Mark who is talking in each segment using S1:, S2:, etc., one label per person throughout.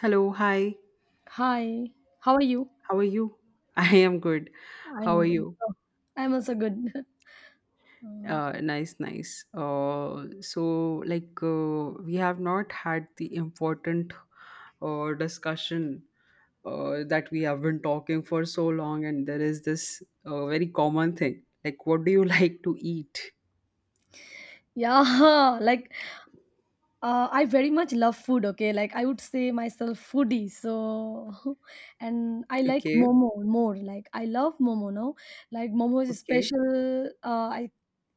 S1: Hello, hi.
S2: Hi, how are you?
S1: How are you? I am good. How are
S2: I'm good.
S1: you?
S2: I'm also good. Uh,
S1: We have not had the important discussion that we have been talking for so long, and there is this very common thing. Like, what do you like to eat?
S2: yeah, like I very much love food. Okay, like I would say myself foodie. So, and I like
S1: Okay,
S2: momo more. Like I love momo. No, like momo is a
S1: okay,
S2: special. I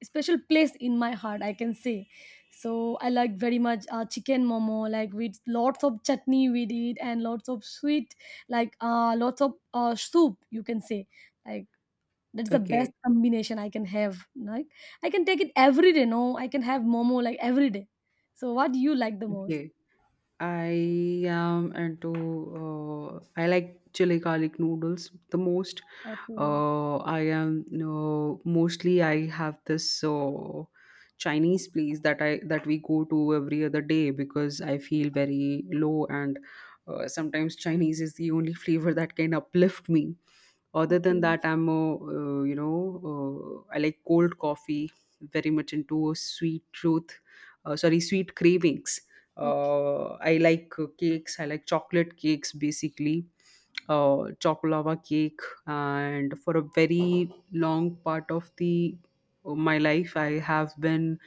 S2: special place in my heart, I can say. So I like very much chicken momo. Like with lots of chutney we did and lots of sweet, like lots of soup, you can say. like That's the best
S1: okay,
S2: combination I can have. Like I can take it every day. No, I can have momo like every day. So what do you like the most?
S1: okay. I am into I like chili garlic noodles the most.
S2: Okay,
S1: I am you mostly I have this Chinese place that we go to every other day because I feel very low and sometimes Chinese is the only flavor that can uplift me. Other
S2: okay,
S1: than that, I'm a, you know I like cold coffee, very much into sweet truth. Sorry, sweet cravings. I like cakes. I like chocolate cakes basically, chocolava cake. And for a very long part of the my life, I have been,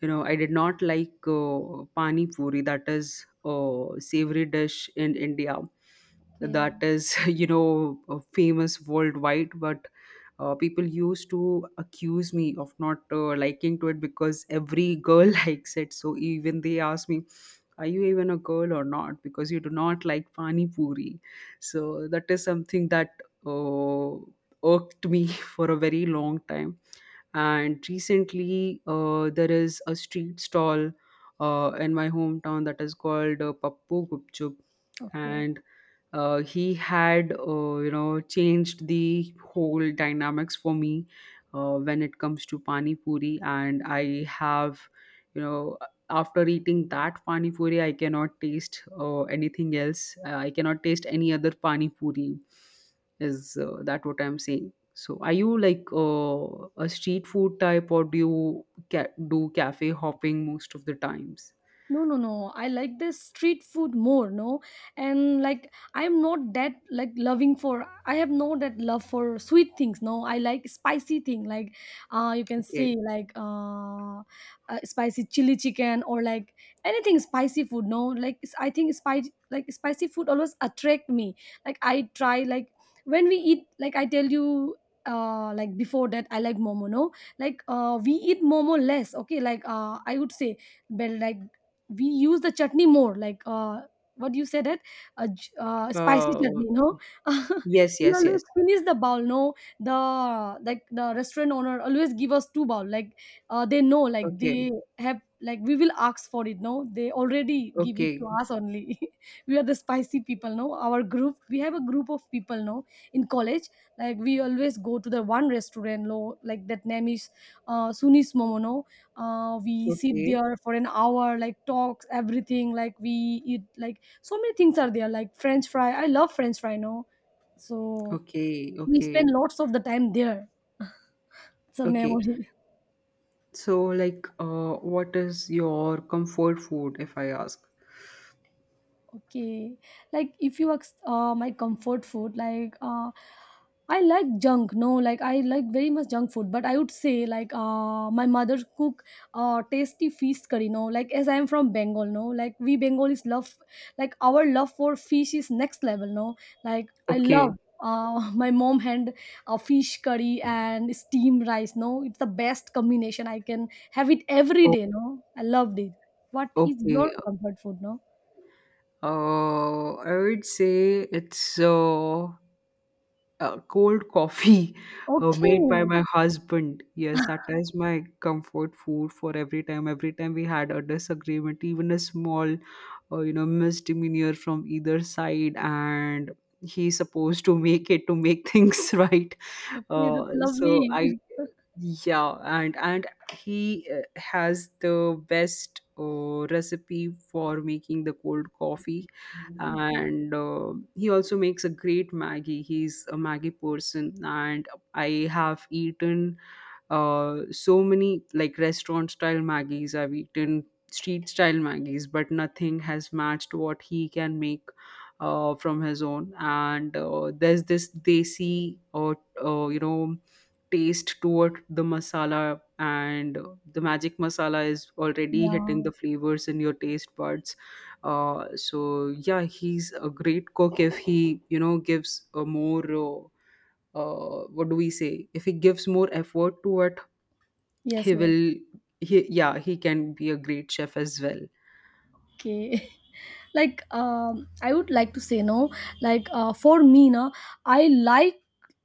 S1: you know, I did not like pani puri. That is a savory dish in India.
S2: okay,
S1: That is, you know, famous worldwide, but people used to accuse me of not liking to it because every girl likes it, so even they ask me, are you even a girl or not because you do not like pani puri? So that is something that uh, irked me for a very long time. And recently there is a street stall in my hometown that is called Pappu Gupchup.
S2: okay.
S1: And he had, you know, changed the whole dynamics for me when it comes to pani puri. And I have, you know, after eating that pani puri I cannot taste anything else. Uh, I cannot taste any other pani puri is that what I'm saying. So are you like a street food type, or do you do cafe hopping most of the times?
S2: No, no, no, I like the street food more, no. And like I'm not that like loving for, I have no that love for sweet things, no. I like spicy thing, like you can say,
S1: Okay,
S2: like spicy chili chicken or like anything spicy food, no. Like I think spicy, like spicy food always attract me. Like I try like when we eat, like I tell you, like before that I like momo, no. Like we eat momo less, okay, like I would say, but like we use the chutney more, like what do you say that? Spicy
S1: uh,
S2: chutney, no.
S1: yes,
S2: We
S1: yes,
S2: always
S1: yes,
S2: finish the bowl, no. The restaurant owner always give us two bowl. Like they know, like they
S1: okay,
S2: have, like we will ask for it, no, they already give it to
S1: okay.
S2: us only. We are the spicy people, no. Our group, we have a group of people, no, in college. Like we always go to the one restaurant, no, like that name is Sunis Momo, no. We sit
S1: Okay,
S2: there for an hour, like talks everything, like we eat, like so many things are there, like french fry, I love french fry, no. So
S1: okay,
S2: we spend
S1: okay,
S2: lots of the time there. It's a
S1: okay.
S2: memory.
S1: So, like, what is your comfort food, if I ask?
S2: Okay, like if you ask my comfort food, like I like junk. No, like I like very much junk food, but I would say like my mother cook tasty fish curry. No, like as I am from Bengal, no, like we Bengalis love, like our love for fish is next level. No, like I love.
S1: Okay,
S2: My mom hand fish curry and steamed rice. No, it's the best combination. I can have it every
S1: oh,
S2: day. No, I loved it. What is your
S1: okay.
S2: comfort food? No.
S1: I would say it's cold coffee
S2: Okay.
S1: made by my husband. Yes, that is my comfort food. For every time, every time we had a disagreement, even a small, you know, misdemeanor from either side, and he's supposed to make it, to make things right.
S2: Okay, that's
S1: So
S2: lovely.
S1: I yeah, and he has the best recipe for making the cold coffee.
S2: Okay.
S1: And he also makes a great Maggie. He's a Maggie person, and I have eaten so many like restaurant style Maggies. I've eaten street style Maggies, but nothing has matched what he can make. From his own, and there's this desi, or you know, taste toward the masala, and the magic masala is already hitting
S2: Yeah.
S1: the flavors in your taste buds. Uh, so yeah, he's a great cook. If he, you know, gives a more what do we say, if he gives more effort to it,
S2: Yes,
S1: he
S2: yes.
S1: will he yeah, he can be a great chef as well.
S2: Okay. Like I would like to say, no, like for me, no, I like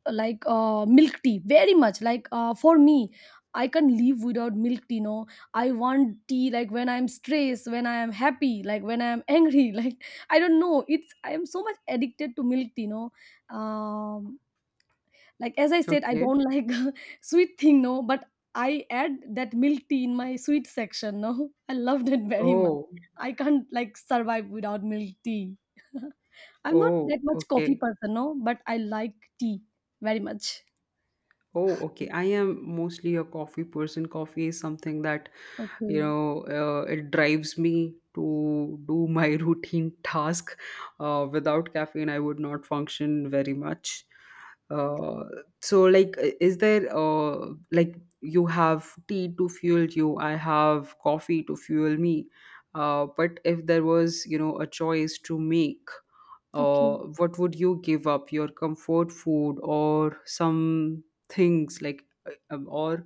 S2: like milk tea very much. Like for me, I can live without milk tea, no. I want tea like when I'm stressed, when I am happy, like when I am angry, like I don't know. It's I am so much addicted to milk tea, no. Um Like as I said, I
S1: Okay,
S2: don't like sweet thing, no, but I add that milk tea in my sweet section, no. I loved it very much.
S1: oh,
S2: I can't like survive without milk tea. I'm not
S1: oh,
S2: that much coffee
S1: okay.
S2: person, no, but I like tea very much.
S1: Oh, okay. I am mostly a coffee person. Coffee is something that, you
S2: Okay.
S1: know, it drives me to do my routine task. Without caffeine, I would not function very much. Uh, so, like, is there, like, you have tea to fuel you, I have coffee to fuel me. But if there was, you know, a choice to make,
S2: Okay.
S1: what would you give up? Your comfort food, or some things like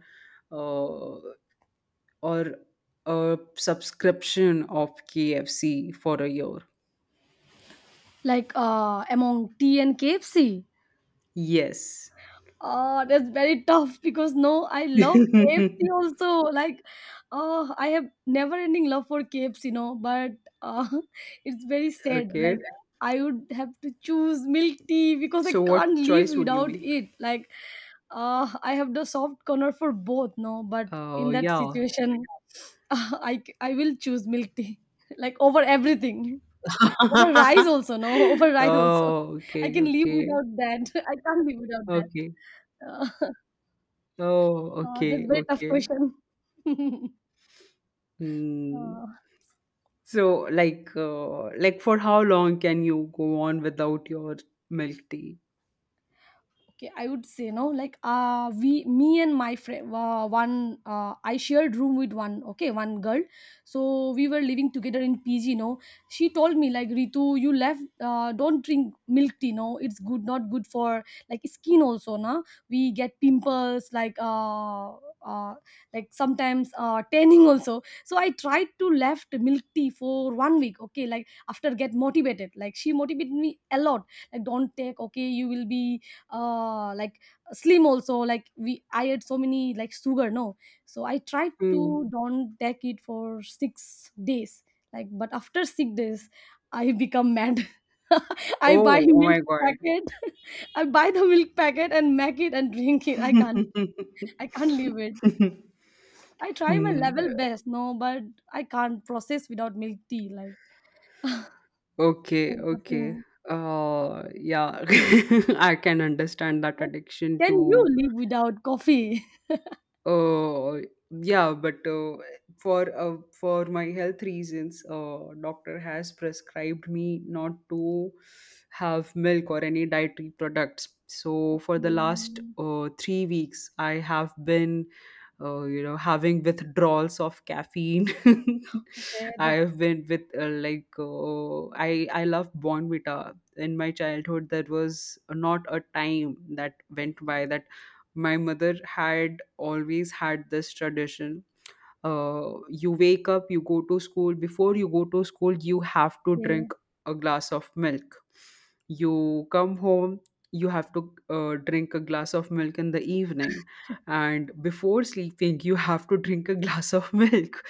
S1: uh, or a subscription of KFC for a year?
S2: Like among tea and KFC.
S1: Yes.
S2: Oh, that's very tough because no, I love KFC also. Like, oh, I have never-ending love for KFC, you know, but uh, it's very sad.
S1: Okay.
S2: Like, I would have to choose milk tea because I
S1: So
S2: can't
S1: what
S2: live
S1: choice would you
S2: without
S1: make?
S2: it. Like, I have the soft corner for both, no, but in
S1: Oh,
S2: that
S1: yeah.
S2: situation, I will choose milk tea, like over everything, over rice also, no, over rice also.
S1: Oh,
S2: I
S1: okay,
S2: can live
S1: okay,
S2: without that. I can't live without that.
S1: okay.
S2: Uh,
S1: Oh,
S2: That's a
S1: okay,
S2: very tough
S1: okay.
S2: question.
S1: Hmm.
S2: mm
S1: So, like for how long can you go on without your milk tea?
S2: okay, I would say, no, like we, me and my friend, one I shared room with one, okay, one girl. So we were living together in PG, you know. She told me, like, Ritu, you left, don't drink milk tea, no, it's good, not good for like skin also, na, we get pimples uh, like sometimes tanning also. So I tried to left milk tea for 1 week, okay, like after get motivated, like she motivated me a lot. Like don't take, okay, you will be like slim also, like we, I had so many like sugar, no. So I tried to
S1: Hmm.
S2: don't take it for 6 days, like, but after 6 days I become mad. I buy
S1: Oh, oh
S2: milk
S1: my God.
S2: packet. I buy the milk packet and make it and drink it. I can't, I can't leave it. I try my
S1: Hmm.
S2: level best, no, but I can't process without milk tea, like.
S1: Okay,
S2: There's
S1: okay.
S2: nothing
S1: Yeah, I can understand that
S2: like,
S1: addiction
S2: can you
S1: to
S2: live without coffee?
S1: uh yeah, but for my health reasons, doctor has prescribed me not to have milk or any dietary products. So for the last
S2: Mm,
S1: 3 weeks, I have been, you know, having withdrawals of caffeine.
S2: okay,
S1: I
S2: that's
S1: have been with like I love Bonvita. In my childhood there was not a time that went by that my mother had always had this tradition. Uh, you wake up, you go to school, before you go to school you have to
S2: okay.
S1: drink a glass of milk. You come home, you have to drink a glass of milk in the evening. And before sleeping you have to drink a glass of milk.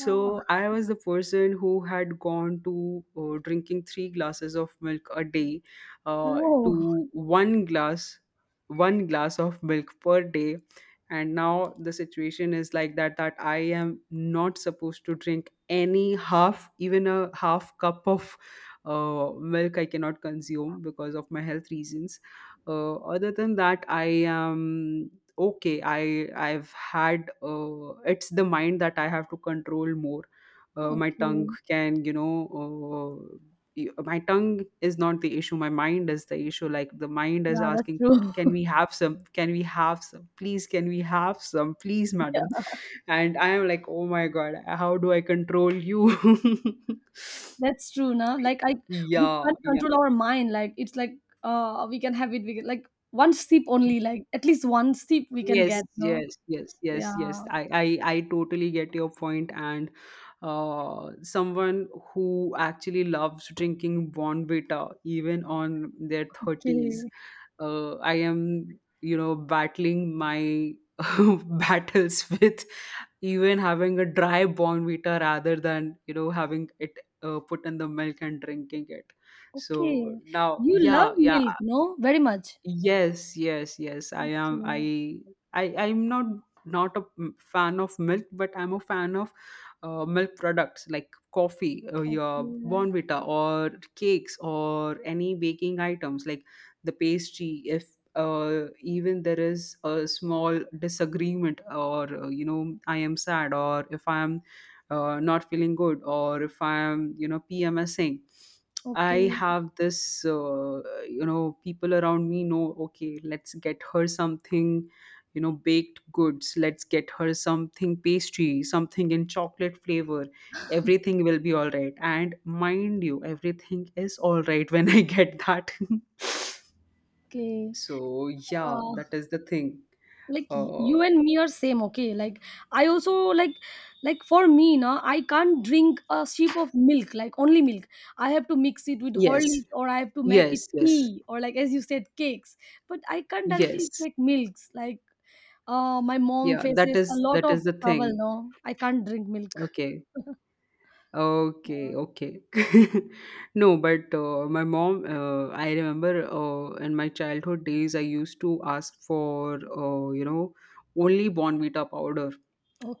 S2: Uh,
S1: I was the person who had gone to drinking three glasses of milk a day
S2: Oh,
S1: to one glass, one glass of milk per day. And now the situation is like that, that I am not supposed to drink any, half, even a half cup of milk I cannot consume because of my health reasons. Uh, other than that I am okay. I I've had It's the mind that I have to control more. My tongue
S2: okay.
S1: can, you know, uh, my tongue is not the issue, my mind is the issue. Like the mind is
S2: Yeah, that's
S1: asking for,
S2: true.
S1: can we have some, can we have some please, can we have some please madam? And I am like, oh my God, how do I control you?
S2: That's true, na? Like I, we
S1: Yeah,
S2: can't
S1: yeah,
S2: control our mind. Like it's like we can have it, we can, like one sip only, like at least one sip we can
S1: yes,
S2: get, no?
S1: yes, yes,
S2: Yeah.
S1: yes, yes, I totally get your point. And someone who actually loves drinking Bonvita even on their 30s,
S2: Okay.
S1: I am, you know, battling my battles with even having a dry bonvita rather than, you know, having it put in the milk and drinking it. So
S2: Okay.
S1: now,
S2: You love
S1: yeah, yeah,
S2: milk, no? Very much.
S1: yes, yes, yes. I am.
S2: Okay.
S1: I I I'm not fan of milk, but I'm a fan of milk products like coffee, or your
S2: Okay.
S1: bonvita, or cakes, or any baking items like the pastry. If even there is a small disagreement, or you know, I am sad, or if I am not feeling good, or if I am, you know, PMSing. I
S2: Okay.
S1: have this, you know, people around me know, okay, let's get her something, you know, baked goods, let's get her something pastry, something in chocolate flavor, everything will be all right. And mind you, everything is all right when I get that.
S2: Okay.
S1: So, yeah,
S2: Uh
S1: that is the thing.
S2: like
S1: Uh,
S2: you and me are same, okay, like I also, like like for me now I can't drink a sip of milk, like only milk. I have to mix it with
S1: yes,
S2: Horlicks or I have to make it
S1: yes, yes,
S2: tea or like as you said cakes, but I can't directly
S1: yes.
S2: take milks, like my mom
S1: Yeah,
S2: faces a lot
S1: that
S2: of
S1: is the
S2: trouble,
S1: thing.
S2: no, I can't drink milk.
S1: Okay.
S2: Uh,
S1: Okay, okay. No, but my mom, I remember in my childhood days, I used to ask for, you know, only Bonvita powder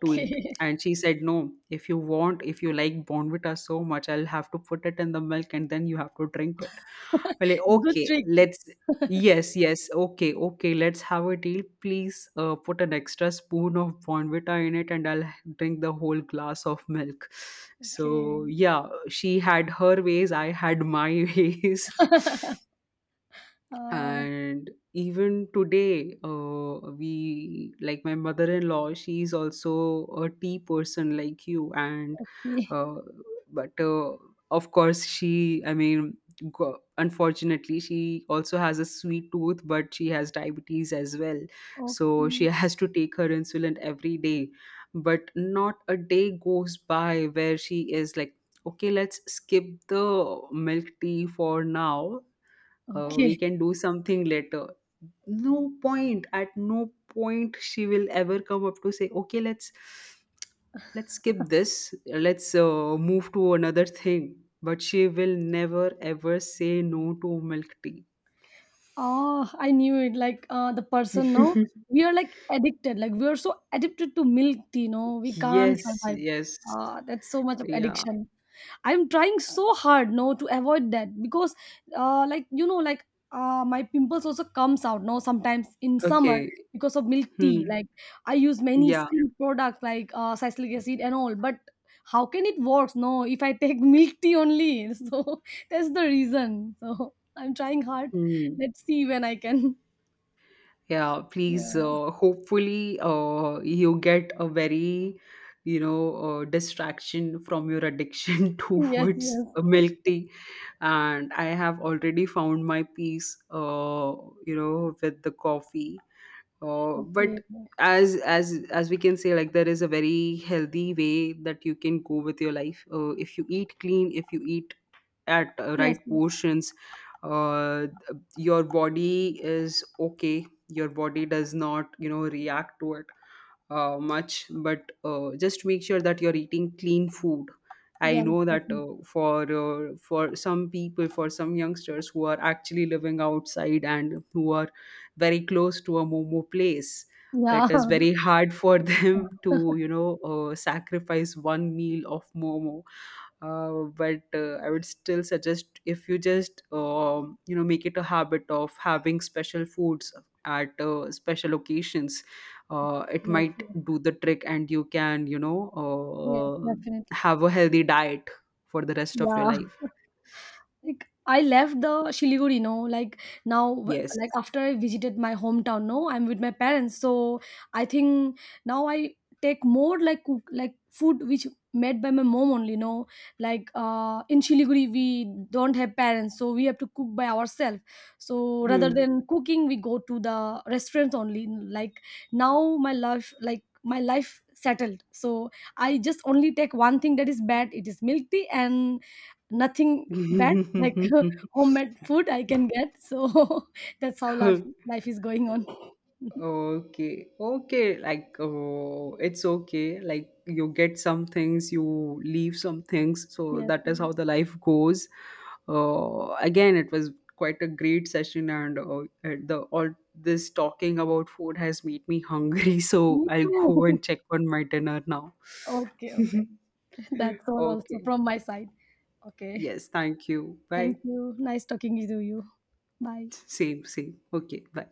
S1: to eat. And she said, no, if you want, if you like Bonvita so much, I'll have to put it in the milk and then you have to drink it. We're like,
S2: Good
S1: okay,
S2: trick.
S1: let's yes, yes, okay, okay, let's have a deal, please, put an extra spoon of Bonvita in it and I'll drink the whole glass of milk.
S2: Okay.
S1: So yeah, she had her ways, I had my ways.
S2: uh,
S1: And even today we, like my mother-in-law, she's also a tea person like you. And
S2: okay,
S1: uh, but of course she, I mean, unfortunately she also has a sweet tooth, but she has diabetes as well. So she
S2: okay.
S1: has to take her insulin every day. But not a day goes by where she is like, okay, let's skip the milk tea for now, we
S2: Okay.
S1: can do something later. No, point at no point she will ever come up to say, okay, let's skip this, let's move to another thing. But she will never, ever say no to milk tea.
S2: Oh, I knew it. Like the person, no, we are like addicted. Like we are so addicted to milk tea, no, we can't
S1: Yes,
S2: survive.
S1: yes,
S2: That's so much of
S1: yeah,
S2: addiction. I'm trying so hard, no, to avoid that because like you know, like my pimples also comes out, no, sometimes in summer
S1: okay,
S2: because of milk tea,
S1: hmm,
S2: like I use many
S1: yeah,
S2: skin products like salicylic acid and all, but how can it works, no, if I take milk tea only. So that's the reason, so I'm trying hard.
S1: hmm.
S2: Let's see when I can.
S1: Yeah, please,
S2: Yeah.
S1: hopefully you get a very, you know, distraction from your addiction
S2: Yes,
S1: towards
S2: yes.
S1: milk tea. And I have already found my peace, you know, with the coffee. Uh,
S2: Okay.
S1: but as we can say, like, there is a very healthy way that you can go with your life. Uh, if you eat clean, if you eat at
S2: Yes.
S1: right
S2: Yes,
S1: portions, uh, your body is okay, your body does not, you know, react to it much. But just make sure that you're eating clean food. I
S2: yes,
S1: know that
S2: definitely.
S1: for some people, for some youngsters who are actually living outside and who are very close to a momo place, it
S2: Yeah.
S1: is very hard for them to, you know, sacrifice one meal of momo. Uh, but I would still suggest, if you just you know, make it a habit of having special foods at special occasions, it
S2: Yes,
S1: might
S2: yes.
S1: do the trick, and you can, you know,
S2: Yes, definitely.
S1: have a healthy diet for the rest of your
S2: Yeah.
S1: life.
S2: Like I left the Shiliguri, no, like now,
S1: Yes.
S2: like after I visited my hometown, no, I'm with my parents. So I think now I take more like cook, like food which made by my mom only, no. Like in Shiliguri, we don't have parents, so we have to cook by ourselves. So rather
S1: Hmm.
S2: than cooking, we go to the restaurants only. Like now, my life, like my life settled. So I just only take one thing that is bad. It is milk tea and nothing bad, like homemade food I can get. So that's how life, life is going on.
S1: Okay, okay, like, oh, it's okay. Like you get some things, you leave some things. So
S2: Yes,
S1: that
S2: yes.
S1: is how the life goes. Again, it was quite a great session, and the all this talking about food has made me hungry. So
S2: Me
S1: I'll go
S2: too.
S1: and check on my dinner now.
S2: Okay, okay. That's all also
S1: Okay.
S2: from my side. Okay.
S1: Yes, thank you.
S2: Thank
S1: Bye.
S2: you. Nice talking to you. Bye.
S1: Same, same. Okay, bye.